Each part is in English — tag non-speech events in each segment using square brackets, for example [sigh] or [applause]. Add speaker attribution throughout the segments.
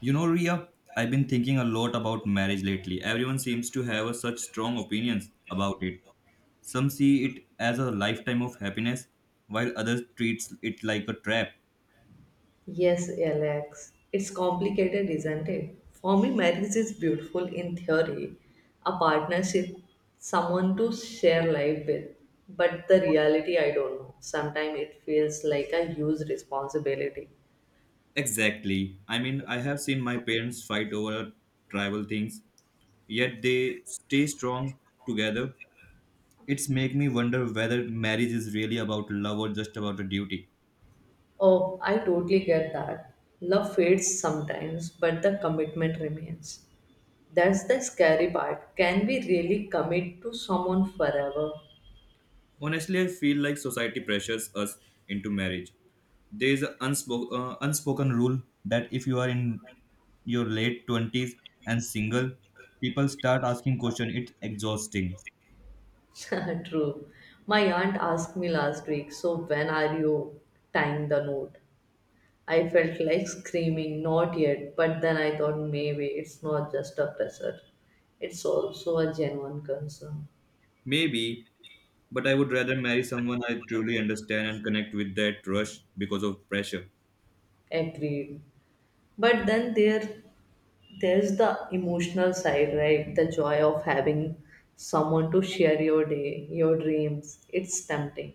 Speaker 1: You know, Ria, I've been thinking a lot about marriage lately. Everyone seems to have such strong opinions about it. Some see it as a lifetime of happiness, while others treats it like a trap.
Speaker 2: Yes, Alex. It's complicated, isn't it? For me, marriage is beautiful in theory, a partnership, someone to share life with. But the reality, I don't know. Sometimes it feels like a huge responsibility.
Speaker 1: Exactly. I mean, I have seen my parents fight over tribal things, yet they stay strong together. It's make me wonder whether marriage is really about love or just about a duty.
Speaker 2: Oh, I totally get that. Love fades sometimes, but the commitment remains. That's the scary part. Can we really commit to someone forever?
Speaker 1: Honestly, I feel like society pressures us into marriage. There is an unspoken rule that if you are in your late 20s and single, people start asking questions. It's exhausting.
Speaker 2: [laughs] True. My aunt asked me last week, so when are you tying the knot? I felt like screaming, not yet, but then I thought maybe it's not just a pressure. It's also a genuine concern.
Speaker 1: Maybe, but I would rather marry someone I truly understand and connect with that rush because of pressure.
Speaker 2: Agreed. But then there's the emotional side, right? The joy of having someone to share your day, your dreams. It's tempting.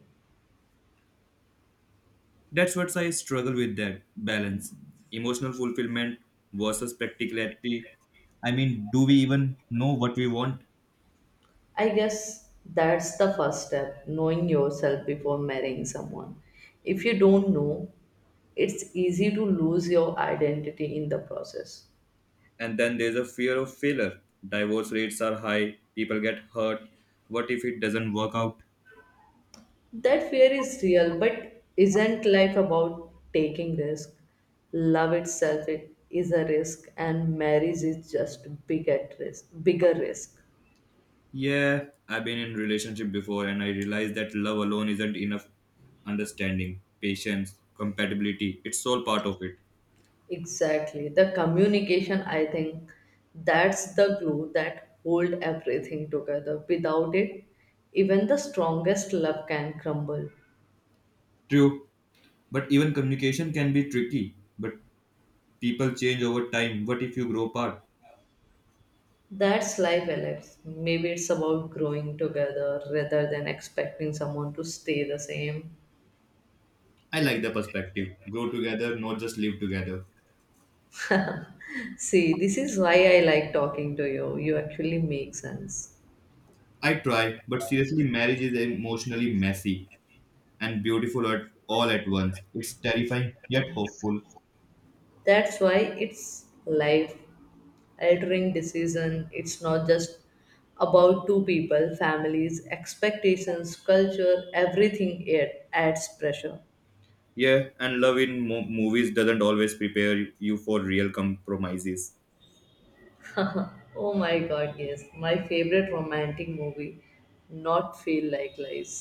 Speaker 1: That's what I struggle with that balance. Emotional fulfillment versus practicality. I mean, do we even know what we want?
Speaker 2: I guess that's the first step, knowing yourself before marrying someone. If you don't know, it's easy to lose your identity in the process.
Speaker 1: And then there's a fear of failure. Divorce rates are high, people get hurt. What if it doesn't work out?
Speaker 2: That fear is real, but isn't life about taking risk? Love itself it is a risk and marriage is just bigger risk.
Speaker 1: Yeah, I've been in relationship before and I realized that love alone isn't enough. Understanding, patience, compatibility, it's all part of it.
Speaker 2: Exactly. The communication, I think that's the glue that hold everything together. Without it, even the strongest love can crumble.
Speaker 1: True, but even communication can be tricky. But people change over time. What if you grow apart?
Speaker 2: That's life, Alex. Maybe it's about growing together rather than expecting someone to stay the same.
Speaker 1: I like the perspective. Grow together, not just live together.
Speaker 2: See, this is why I like talking to you. You actually make sense.
Speaker 1: I try, but seriously, marriage is emotionally messy and beautiful at all at once. It's terrifying yet hopeful.
Speaker 2: That's why it's life during decision it's not just about two people families expectations culture everything it adds pressure.
Speaker 1: Yeah, and love in movies doesn't always prepare you for real compromises.
Speaker 2: [laughs] Oh my god, yes, my favorite romantic movie not feel like lies.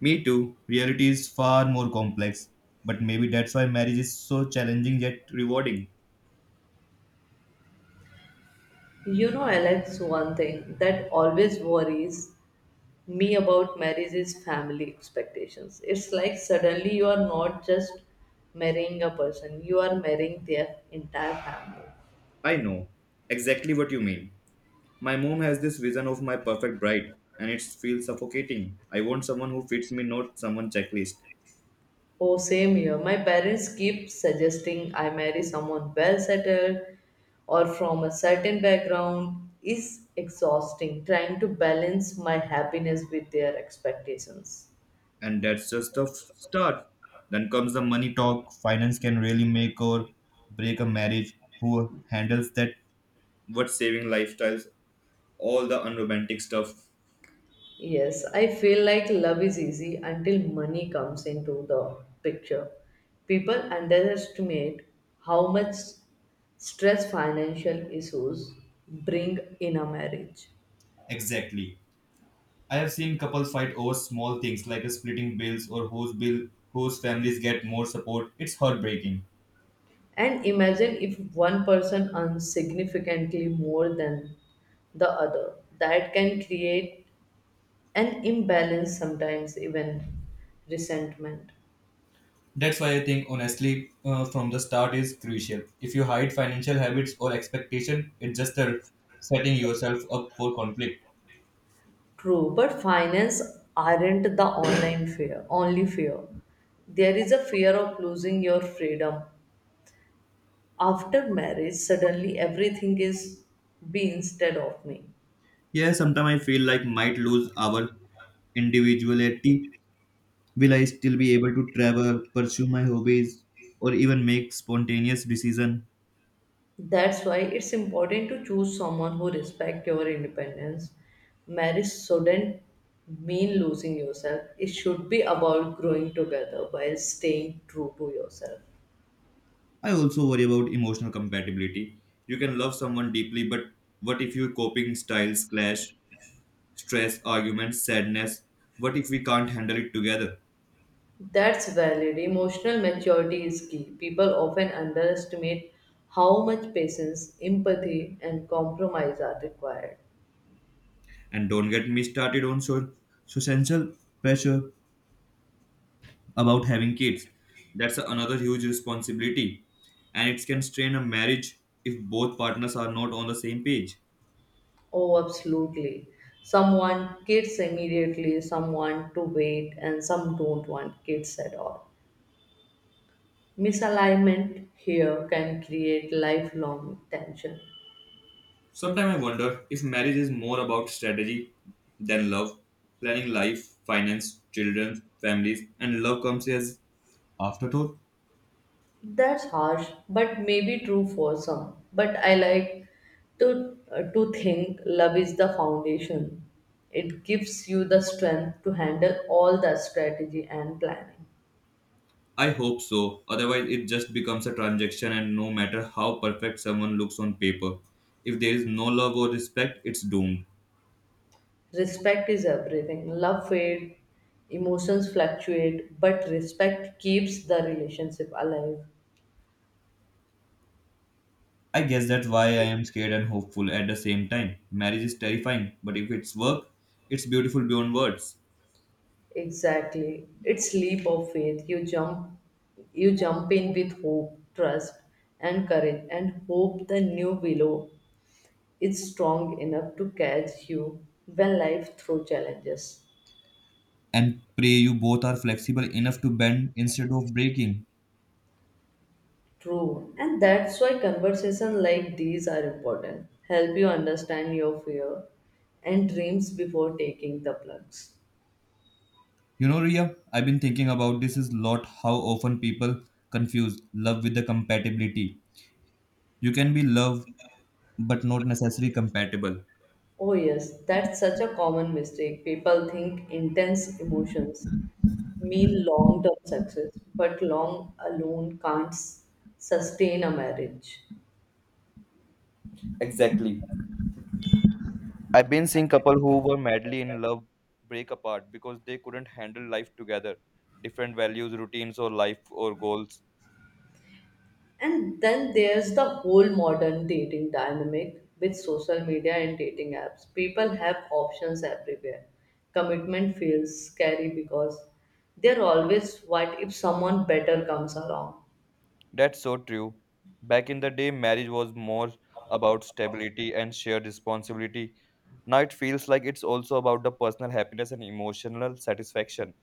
Speaker 1: Me too. Reality is far more complex, but maybe that's why marriage is so challenging yet rewarding.
Speaker 2: You know, Alex, one thing that always worries me about marriage is family expectations. It's like suddenly you are not just marrying a person, you are marrying their entire family.
Speaker 1: I know exactly what you mean. My mom has this vision of my perfect bride, and it feels suffocating. I want someone who fits me, not someone checklist.
Speaker 2: Oh, same here. My parents keep suggesting I marry someone well settled or from a certain background. Is exhausting trying to balance my happiness with their expectations.
Speaker 1: And that's just the start. Then comes the money talk. Finance can really make or break a marriage. Who handles that? What saving lifestyles? All the unromantic stuff.
Speaker 2: Yes, I feel like love is easy until money comes into the picture. People underestimate how much stress financial issues bring in a marriage.
Speaker 1: Exactly. I have seen couples fight over small things like splitting bills or whose families get more support. It's heartbreaking.
Speaker 2: And imagine if one person earns significantly more than the other. That can create an imbalance, sometimes even resentment.
Speaker 1: That's why I think honestly from the start is crucial. If you hide financial habits or expectation, it's just a setting yourself up for conflict.
Speaker 2: True, but finance aren't the online fear, only fear. There is a fear of losing your freedom. After marriage, suddenly everything is be instead of me.
Speaker 1: Yeah, sometimes I feel like might lose our individuality. Will I still be able to travel, pursue my hobbies, or even make spontaneous decision?
Speaker 2: That's why it's important to choose someone who respects your independence. Marriage shouldn't mean losing yourself. It should be about growing together while staying true to yourself.
Speaker 1: I also worry about emotional compatibility. You can love someone deeply, but what if your coping styles clash, stress, arguments, sadness? What if we can't handle it together?
Speaker 2: That's valid. Emotional maturity is key. People often underestimate how much patience, empathy, and compromise are required.
Speaker 1: And don't get me started on social pressure about having kids. That's another huge responsibility, and it can strain a marriage if both partners are not on the same page.
Speaker 2: Oh, absolutely. Some want kids immediately, some want to wait, and some don't want kids at all. Misalignment here can create lifelong tension.
Speaker 1: Sometimes I wonder if marriage is more about strategy than love. Planning life, finance, children, families, and love comes as afterthought.
Speaker 2: That's harsh, but maybe true for some. But I like to think love is the foundation. It gives you the strength to handle all the strategy and planning.
Speaker 1: I hope so. Otherwise, it just becomes a transaction, and no matter how perfect someone looks on paper, if there is no love or respect, it's doomed.
Speaker 2: Respect is everything. Love fades, emotions fluctuate, but respect keeps the relationship alive.
Speaker 1: I guess that's why I am scared and hopeful at the same time. Marriage is terrifying, but if it's work, it's beautiful beyond words.
Speaker 2: Exactly. It's leap of faith. You jump in with hope, trust and courage and hope the new willow is strong enough to catch you when life throws challenges.
Speaker 1: And pray you both are flexible enough to bend instead of breaking.
Speaker 2: True. And that's why conversations like these are important. Help you understand your fear and dreams before taking the plugs.
Speaker 1: You know, Ria, I've been thinking about this is lot how often people confuse love with the compatibility. You can be love but not necessarily compatible.
Speaker 2: Oh yes, that's such a common mistake. People think intense emotions mean long-term success, but long alone can't sustain a marriage.
Speaker 1: Exactly. I've been seeing couples who were madly in love break apart because they couldn't handle life together, different values, routines, or life or goals.
Speaker 2: And then there's the whole modern dating dynamic with social media and dating apps. People have options everywhere. Commitment feels scary because they're always what if someone better comes along.
Speaker 1: That's so true. Back in the day, marriage was more about stability and shared responsibility. Now it feels like it's also about the personal happiness and emotional satisfaction.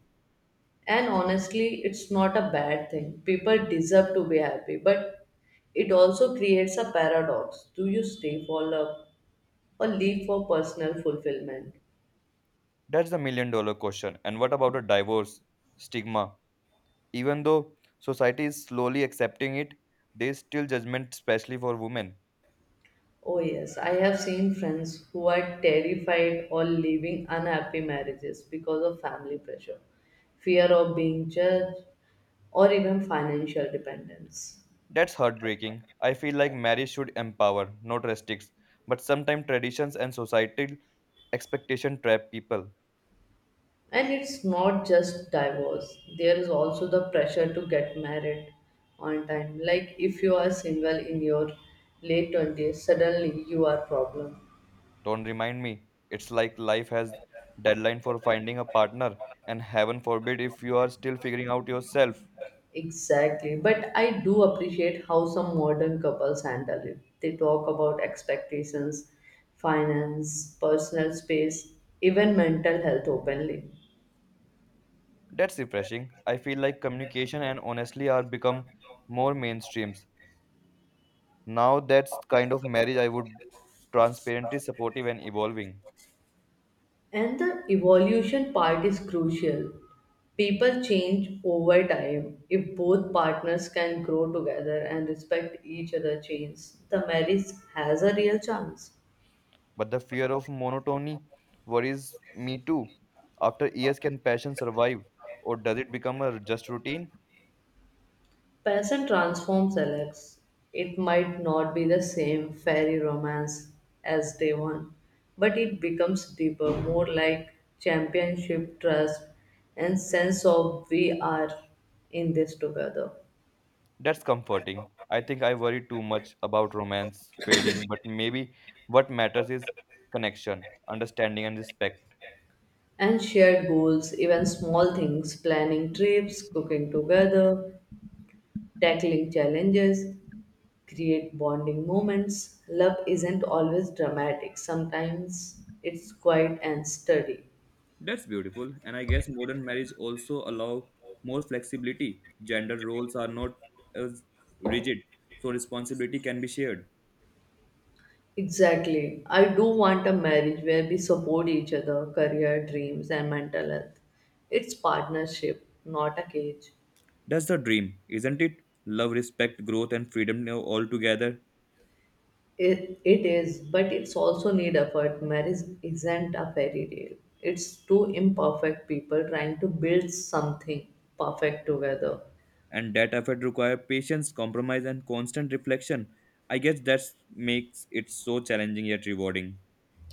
Speaker 2: And honestly, it's not a bad thing. People deserve to be happy, but it also creates a paradox. Do you stay for love or leave for personal fulfillment?
Speaker 1: That's the million-dollar question. And what about the divorce stigma? Even though society is slowly accepting it, there's still judgment, especially for women.
Speaker 2: Oh, yes, I have seen friends who are terrified or leaving unhappy marriages because of family pressure, fear of being judged, or even financial dependence.
Speaker 1: That's heartbreaking. I feel like marriage should empower, not restrict. But sometimes traditions and societal expectation trap people.
Speaker 2: And it's not just divorce, there is also the pressure to get married on time. Like if you are single in your late 20s, suddenly you are problem.
Speaker 1: Don't remind me. It's like life has deadline for finding a partner and heaven forbid if you are still figuring out yourself.
Speaker 2: Exactly. But I do appreciate how some modern couples handle it. They talk about expectations, finance, personal space, even mental health openly.
Speaker 1: That's refreshing. I feel like communication and honestly are become more mainstreams. Now that's kind of marriage I would transparently supportive and evolving.
Speaker 2: And the evolution part is crucial. People change over time. If both partners can grow together and respect each other's change, the marriage has a real chance.
Speaker 1: But the fear of monotony worries me too. After years can passion survive or does it become a just routine?
Speaker 2: Person transforms Alex. It might not be the same fairy romance as day one, but it becomes deeper, more like championship trust and sense of we are in this together.
Speaker 1: That's comforting. I think I worry too much about romance fading, but maybe what matters is connection, understanding, and respect.
Speaker 2: And shared goals, even small things, planning trips, cooking together, tackling challenges, create bonding moments. Love isn't always dramatic, sometimes it's quiet and steady.
Speaker 1: That's beautiful. And I guess modern marriage also allow more flexibility. Gender roles are not as rigid, so responsibility can be shared.
Speaker 2: Exactly. I do want a marriage where we support each other, career, dreams, and mental health. It's partnership, not a cage.
Speaker 1: That's the dream, isn't it? Love, respect, growth, and freedom now all together.
Speaker 2: It is, but it's also need effort. Marriage isn't a fairy tale. It's two imperfect people trying to build something perfect together.
Speaker 1: And that effort require patience, compromise, and constant reflection. I guess that makes it so challenging yet rewarding.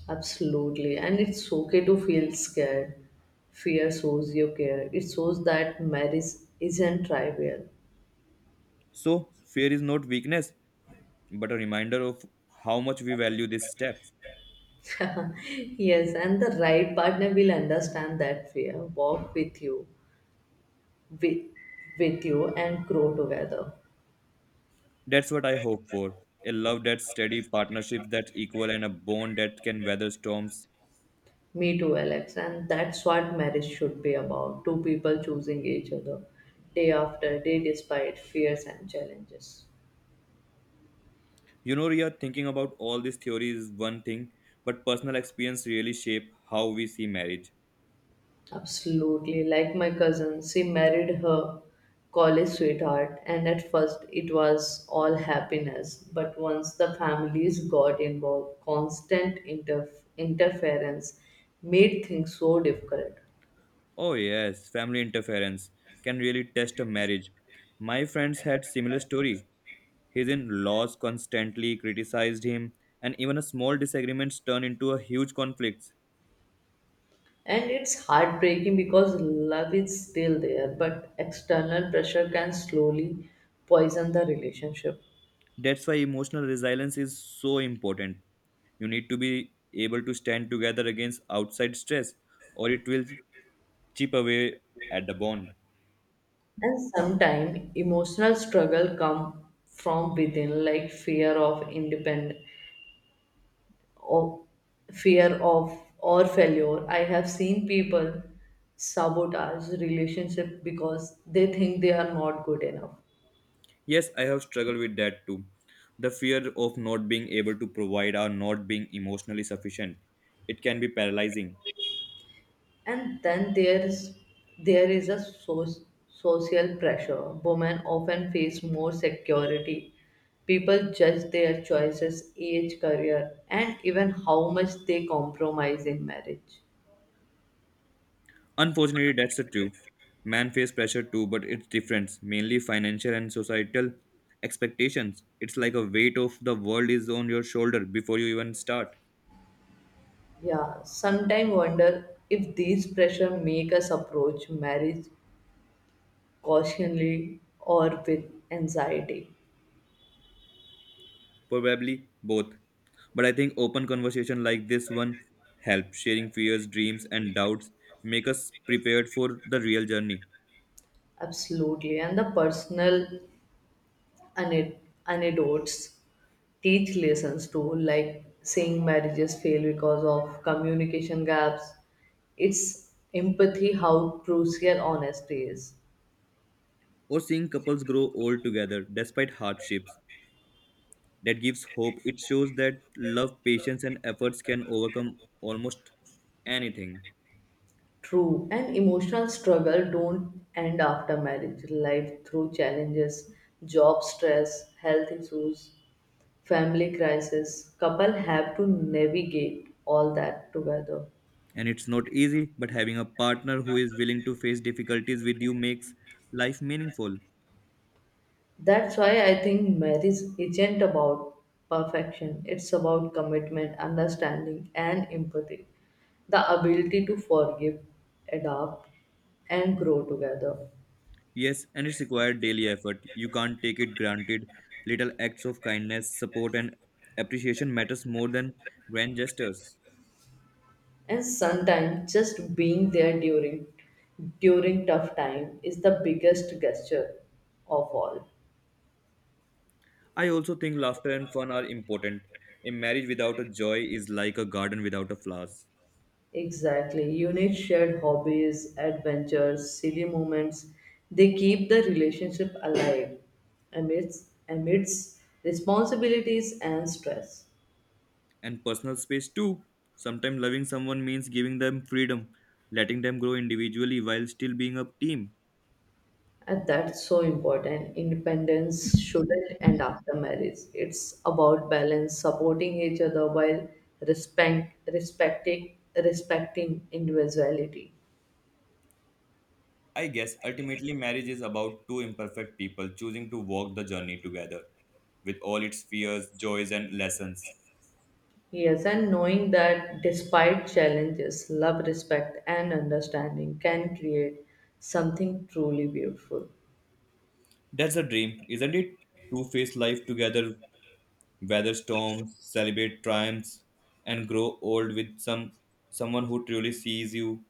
Speaker 2: Absolutely. And it's okay to feel scared. Fear shows you care. It shows that marriage isn't trivial.
Speaker 1: So, fear is not weakness, but a reminder of how much we value this step.
Speaker 2: [laughs] Yes, and the right partner will understand that fear, walk with you, with, and grow together.
Speaker 1: That's what I hope for a love that's steady, partnerships that equal, and a bond that can weather storms.
Speaker 2: Me too, Alex. And that's what marriage should be about two people choosing each other day after day despite fears and challenges.
Speaker 1: You know, Ria, thinking about all these theories is one thing, but personal experience really shape how we see marriage.
Speaker 2: Absolutely. Like my cousin, she married her college sweetheart, and at first it was all happiness. But once the families got involved, constant interference made things so difficult.
Speaker 1: Oh, yes, family interference can really test a marriage. My friends had similar story. His in-laws constantly criticized him, and even a small disagreements turn into a huge conflict.
Speaker 2: And it's heartbreaking because love is still there, but external pressure can slowly poison the relationship.
Speaker 1: That's why emotional resilience is so important. You need to be able to stand together against outside stress, or it will chip away at the bond.
Speaker 2: And sometimes emotional struggle come from within, like fear of independ of fear of or failure. I have seen people sabotage relationship because they think they are not good enough.
Speaker 1: Yes, I have struggled with that too. The fear of not being able to provide or not being emotionally sufficient. It can be paralyzing.
Speaker 2: And then there is a social pressure. Women often face more security. People judge their choices, age, career, and even how much they compromise in marriage.
Speaker 1: Unfortunately, that's the truth. Men face pressure too, but it's different, mainly financial and societal expectations. It's like a weight of the world is on your shoulder before you even start.
Speaker 2: Yeah, sometimes wonder if these pressure make us approach marriage cautionly or with anxiety.
Speaker 1: Probably both. But I think open conversation like this one help sharing fears, dreams and doubts make us prepared for the real journey.
Speaker 2: Absolutely. And the personal ane- anecdotes teach lessons too, like seeing marriages fail because of communication gaps. It's empathy how crucial honesty is.
Speaker 1: Or seeing couples grow old together despite hardships. That gives hope. It shows that love, patience and efforts can overcome almost anything.
Speaker 2: True, and emotional struggle don't end after marriage. Life through challenges, job stress, health issues, family crisis, couple have to navigate all that together.
Speaker 1: And it's not easy, but having a partner who is willing to face difficulties with you makes life meaningful.
Speaker 2: That's why I think marriage isn't about perfection, it's about commitment, understanding, and empathy. The ability to forgive, adapt, and grow together.
Speaker 1: Yes, and it's required daily effort. You can't take it granted. Little acts of kindness, support, and appreciation matters more than grand gestures.
Speaker 2: And sometimes just being there during tough time is the biggest gesture of all.
Speaker 1: I also think laughter and fun are important. A marriage without a joy is like a garden without a flowers.
Speaker 2: Exactly. Unique shared hobbies, adventures, silly moments, they keep the relationship alive amidst responsibilities and stress.
Speaker 1: And personal space too. Sometimes loving someone means giving them freedom, letting them grow individually while still being a team.
Speaker 2: And that's so important. Independence shouldn't end after marriage. It's about balance, supporting each other while respecting individuality.
Speaker 1: I guess ultimately marriage is about two imperfect people choosing to walk the journey together with all its fears, joys, and lessons.
Speaker 2: Yes, and knowing that despite challenges, love, respect, and understanding can create something truly beautiful.
Speaker 1: That's a dream, isn't it? To face life together, weather storms, celebrate triumphs, and grow old with someone who truly sees you.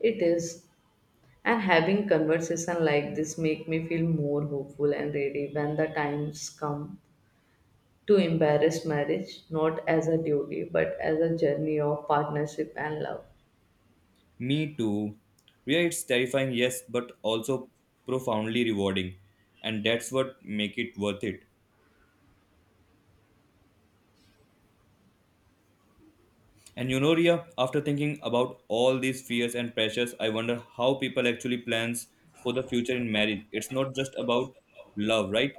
Speaker 2: It is. And having conversation like this make me feel more hopeful and ready when the times come to embrace marriage not as a duty but as a journey of partnership and love.
Speaker 1: Me too. Yeah, it's terrifying, yes, but also profoundly rewarding, and that's what make it worth it. And you know, Ria, after thinking about all these fears and pressures, I wonder how people actually plans for the future in marriage. It's not just about love, right?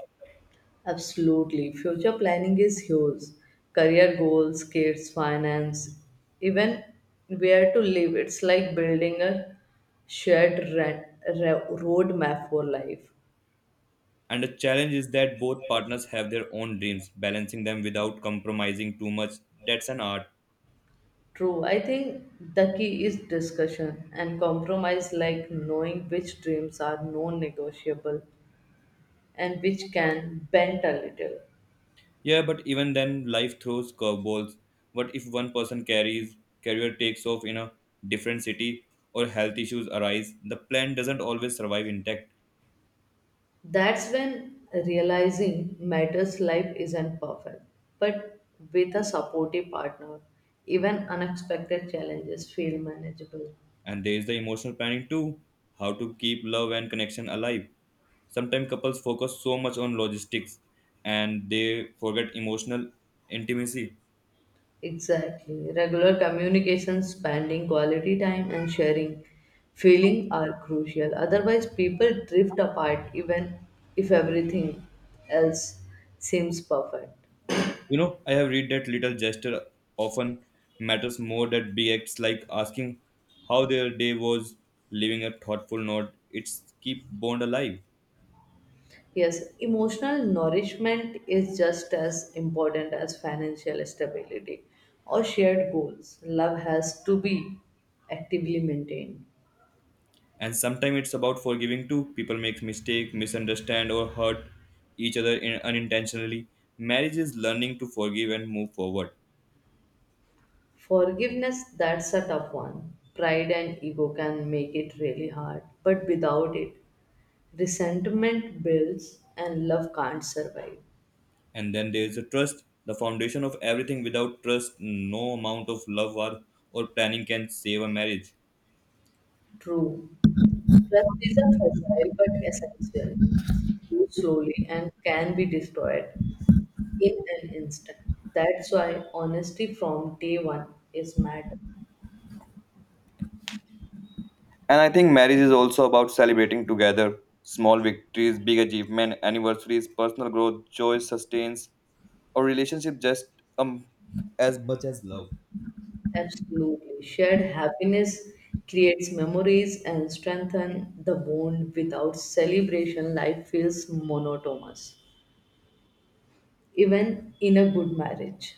Speaker 2: Absolutely. Future planning is huge. Career goals, kids, finance, even where to live. It's like building a roadmap for life.
Speaker 1: And the challenge is that both partners have their own dreams, balancing them without compromising too much. That's an art.
Speaker 2: True. I think the key is discussion and compromise, like knowing which dreams are non negotiable and which can bend a little.
Speaker 1: Yeah, but even then, life throws curveballs. What if one person carries career takes off in a different city or health issues arise? The plan doesn't always survive intact.
Speaker 2: That's when realizing matters life isn't perfect, but with a supportive partner, even unexpected challenges feel manageable.
Speaker 1: And there is the emotional planning too. How to keep love and connection alive. Sometimes couples focus so much on logistics and they forget emotional intimacy.
Speaker 2: Exactly. Regular communication, spending quality time, and sharing feeling are crucial. Otherwise, people drift apart even if everything else seems perfect.
Speaker 1: You know, I have read that little gesture often matters more than big acts like asking how their day was, leaving a thoughtful note. It's keep bond alive.
Speaker 2: Yes, emotional nourishment is just as important as financial stability or shared goals. Love has to be actively maintained.
Speaker 1: And sometimes it's about forgiving too. People make mistake, misunderstand or hurt each other in, unintentionally. Marriage is learning to forgive and move forward.
Speaker 2: Forgiveness, that's a tough one. Pride and ego can make it really hard, but without it, resentment builds and love can't survive.
Speaker 1: And then there is a trust, the foundation of everything. Without trust, no amount of love or planning can save a marriage.
Speaker 2: True. Trust is a fragile but essential. It's used slowly and can be destroyed in an instant. That's why honesty from day one is matter.
Speaker 1: And I think marriage is also about celebrating together small victories, big achievements, anniversaries, personal growth, joy sustains or relationship just um as much as love.
Speaker 2: Absolutely. Shared happiness creates memories and strengthen the bond. Without celebration, life feels monotonous, even in a good marriage.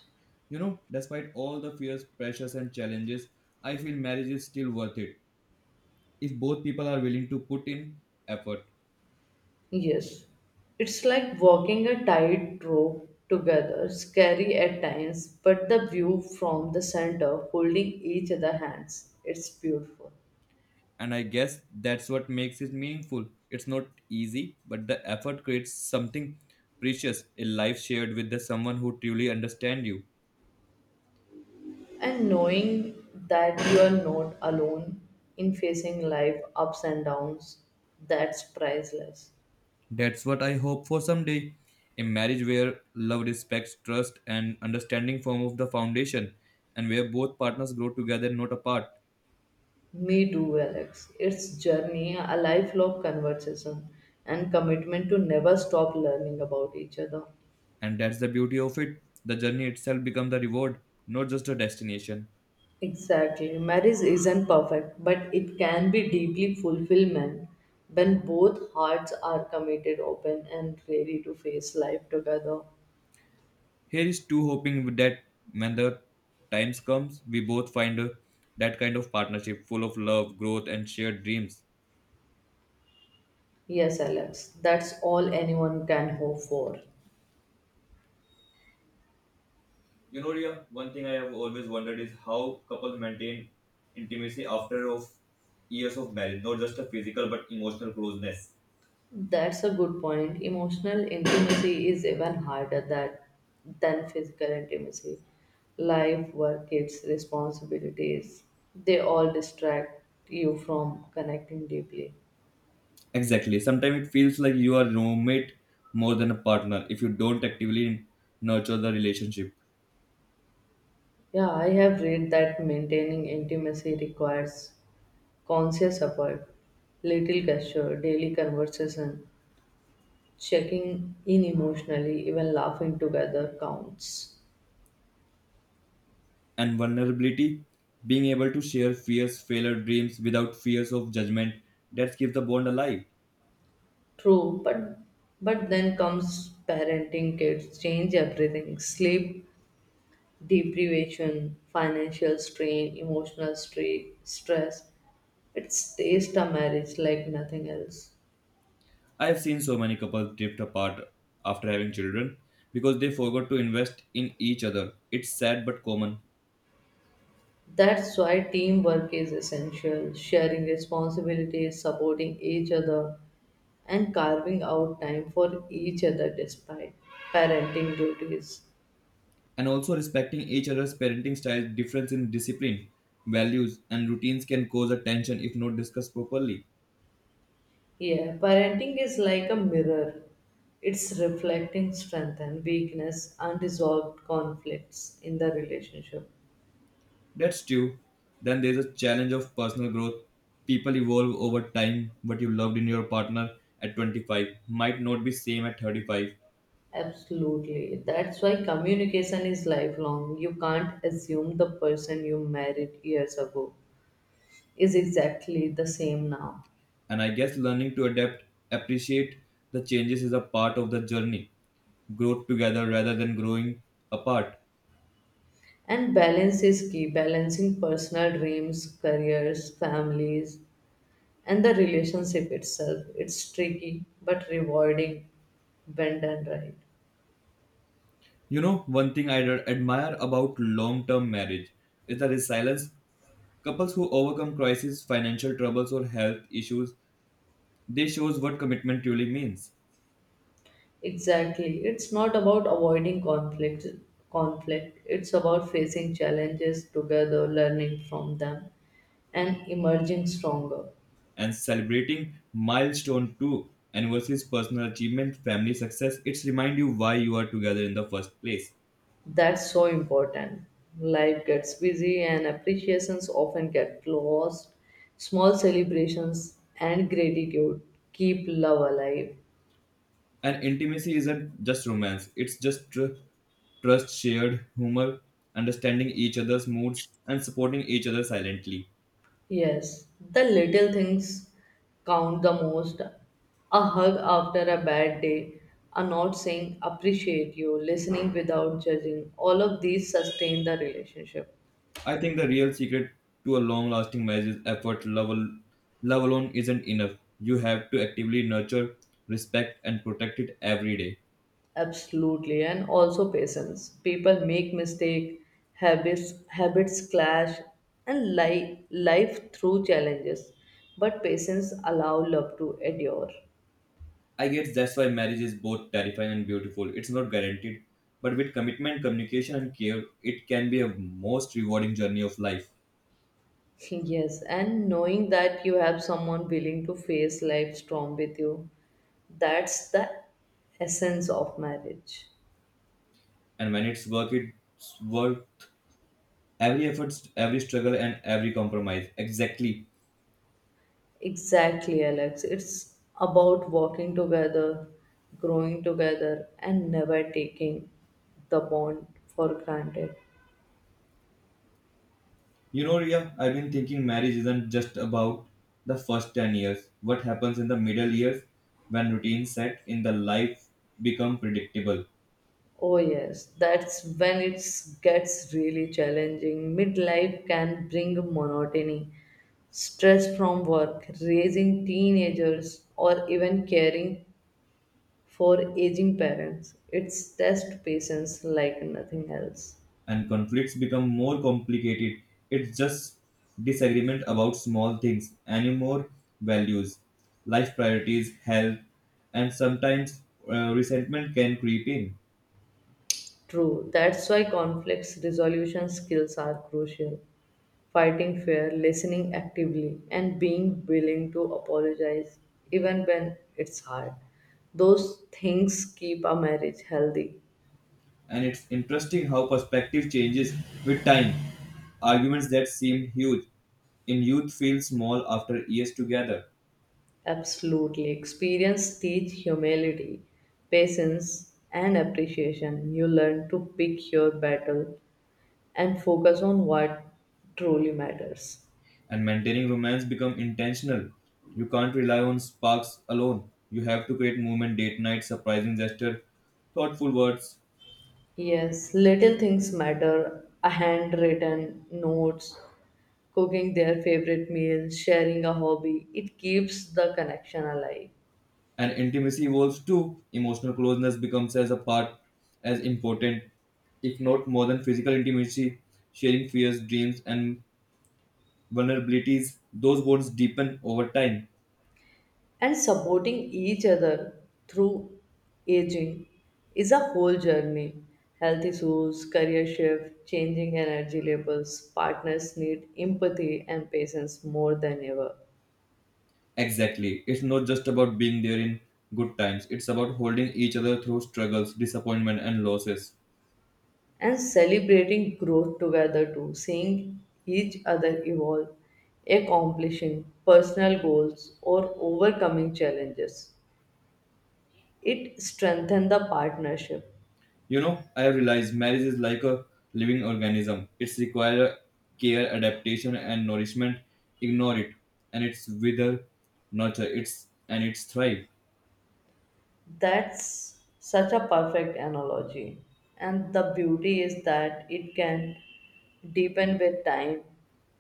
Speaker 1: You know, despite all the fears, pressures, and challenges, I feel marriage is still worth it if both people are willing to put in effort.
Speaker 2: Yes. It's like walking a tightrope together, scary at times, but the view from the center, holding each other hands. It's beautiful.
Speaker 1: And I guess that's what makes it meaningful. It's not easy, but the effort creates something precious a life shared with the someone who truly understands you.
Speaker 2: And knowing that you are not alone in facing life ups and downs, that's priceless.
Speaker 1: That's what I hope for someday. A marriage where love, respect, trust, and understanding form of the foundation, and where both partners grow together, not apart.
Speaker 2: Me too, Alex. It's journey, a lifelong conversation, and commitment to never stop learning about each other.
Speaker 1: And that's the beauty of it. The journey itself becomes the reward, not just a destination.
Speaker 2: Exactly. Marriage isn't perfect, but it can be deeply fulfillment when both hearts are committed, open, and ready to face life together.
Speaker 1: Here is to hoping that when the times comes, we both find that kind of partnership full of love, growth, and shared dreams.
Speaker 2: Yes, Alex, that's all anyone can hope for.
Speaker 1: You know, Ria, one thing I have always wondered is how couples maintain intimacy after of years of marriage, not just a physical but emotional closeness.
Speaker 2: That's a good point. Emotional intimacy is even harder than physical intimacy. Life, work, kids, responsibilities, they all distract you from connecting deeply.
Speaker 1: Exactly. Sometimes it feels like you are roommate more than a partner if you don't actively nurture the relationship.
Speaker 2: Yeah, I have read that maintaining intimacy requires conscious effort, little gesture, daily conversation, checking in emotionally, even laughing together counts.
Speaker 1: And vulnerability, being able to share fears, failure, dreams without fears of judgment, that keeps the bond alive.
Speaker 2: True, but then comes parenting kids change everything. Sleep deprivation, financial strain, emotional stress. It stays a marriage like nothing else.
Speaker 1: I have seen so many couples drift apart after having children because they forgot to invest in each other. It's sad but common.
Speaker 2: That's why teamwork is essential. Sharing responsibilities, supporting each other, and carving out time for each other despite parenting duties.
Speaker 1: And also respecting each other's parenting styles difference in discipline values and routines can cause a tension if not discussed properly.
Speaker 2: Yeah, parenting is like a mirror. It's reflecting strength and weakness, unresolved conflicts in the relationship.
Speaker 1: That's true. Then there's a challenge of personal growth. People evolve over time. What you loved in your partner at 25 might not be same at 35.
Speaker 2: Absolutely. That's why communication is lifelong. You can't assume the person you married years ago is exactly the same now.
Speaker 1: And I guess learning to adapt, appreciate the changes is a part of the journey growth together rather than growing apart.
Speaker 2: And balance is key, balancing personal dreams, careers, families, and the relationship itself. It's tricky but rewarding when done right.
Speaker 1: You know, one thing I admire about long term marriage is the resilience. Couples who overcome crises, financial troubles, or health issues, they shows what commitment truly means.
Speaker 2: Exactly. It's not about avoiding conflict. It's about facing challenges together, learning from them and emerging stronger.
Speaker 1: And celebrating milestone two, anniversaries, personal achievement, family success, it's remind you why you are together in the first place.
Speaker 2: That's so important. Life gets busy and appreciations often get lost. Small celebrations and gratitude keep love alive.
Speaker 1: And intimacy isn't just romance; it's just trust, shared humor, understanding each other's moods, and supporting each other silently.
Speaker 2: Yes, the little things count the most. A hug after a bad day, a not saying appreciate you, listening without judging, all of these sustain the relationship.
Speaker 1: I think the real secret to a long lasting marriage is effort. Love alone isn't enough. You have to actively nurture, respect, and protect it every day.
Speaker 2: Absolutely, and also patience. People make mistake, habits clash, and life through challenges. But patience allow love to endure.
Speaker 1: I guess that's why marriage is both terrifying and beautiful. It's not guaranteed, but with commitment, communication, and care, it can be a most rewarding journey of life.
Speaker 2: [laughs] Yes, and knowing that you have someone willing to face life storm with you, that's the essence of marriage.
Speaker 1: And when it's work, it's worth every effort, every struggle, and every compromise. Exactly.
Speaker 2: Exactly, Alex. It's about walking together, growing together, and never taking the bond for granted.
Speaker 1: You know, Ria, I've been thinking marriage isn't just about the first 10 years. What happens in the middle years when routines set in the life become predictable
Speaker 2: Oh, yes, that's when it gets really challenging. Midlife can bring monotony, stress from work, raising teenagers, or even caring for aging parents, it's test patience like nothing else.
Speaker 1: and conflicts become more complicated? It's just disagreement about small things, anymore values, life priorities, health, and sometimes resentment can creep in.
Speaker 2: True, that's why conflicts resolution skills are crucial. Fighting fair, listening actively, and being willing to apologize even when it's hard. Those things keep a marriage healthy.
Speaker 1: And it's interesting how perspective changes with time. Arguments that seem huge in youth feel small after years together,
Speaker 2: Absolutely. Experience teach humility, patience, and appreciation. You learn to pick your battle and focus on what truly matters.
Speaker 1: and maintaining romance become intentional. You can't rely on sparks alone. You have to create movement, date night, surprising gesture, thoughtful words,
Speaker 2: Yes, little things matter. A handwritten notes, cooking their favorite meal, sharing a hobby. It keeps the connection alive.
Speaker 1: and intimacy evolves too. Emotional closeness becomes as a part as important, if not more than physical intimacy, sharing fears, dreams, and vulnerabilities. Those bonds deepen over time.
Speaker 2: And supporting each other through aging is a whole journey. Health issues, career shift, changing energy levels, partners need empathy and patience more than ever.
Speaker 1: Exactly. It's not just about being there in good times, it's about holding each other through struggles, disappointment, and losses.
Speaker 2: And celebrating growth together too, seeing each other evolve, accomplishing personal goals or overcoming challenges. It strengthens the partnership.
Speaker 1: You know, I realize marriage is like a living organism. It's require care, adaptation, and nourishment. Ignore it, and it's wither, nurture. It's and it's thrive,
Speaker 2: That's such a perfect analogy. And the beauty is that it can deepen with time,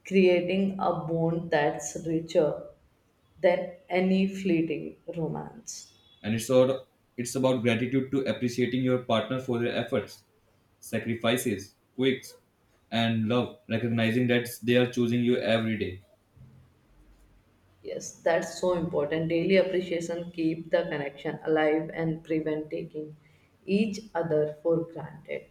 Speaker 2: creating a bond that's richer than any fleeting romance.
Speaker 1: and it's all. It's about gratitude to appreciating your partner for their efforts, sacrifices, quirks, and love. Recognizing that they are choosing you every day.
Speaker 2: Yes, that's so important. Daily appreciation keep the connection alive and prevent taking each other for granted.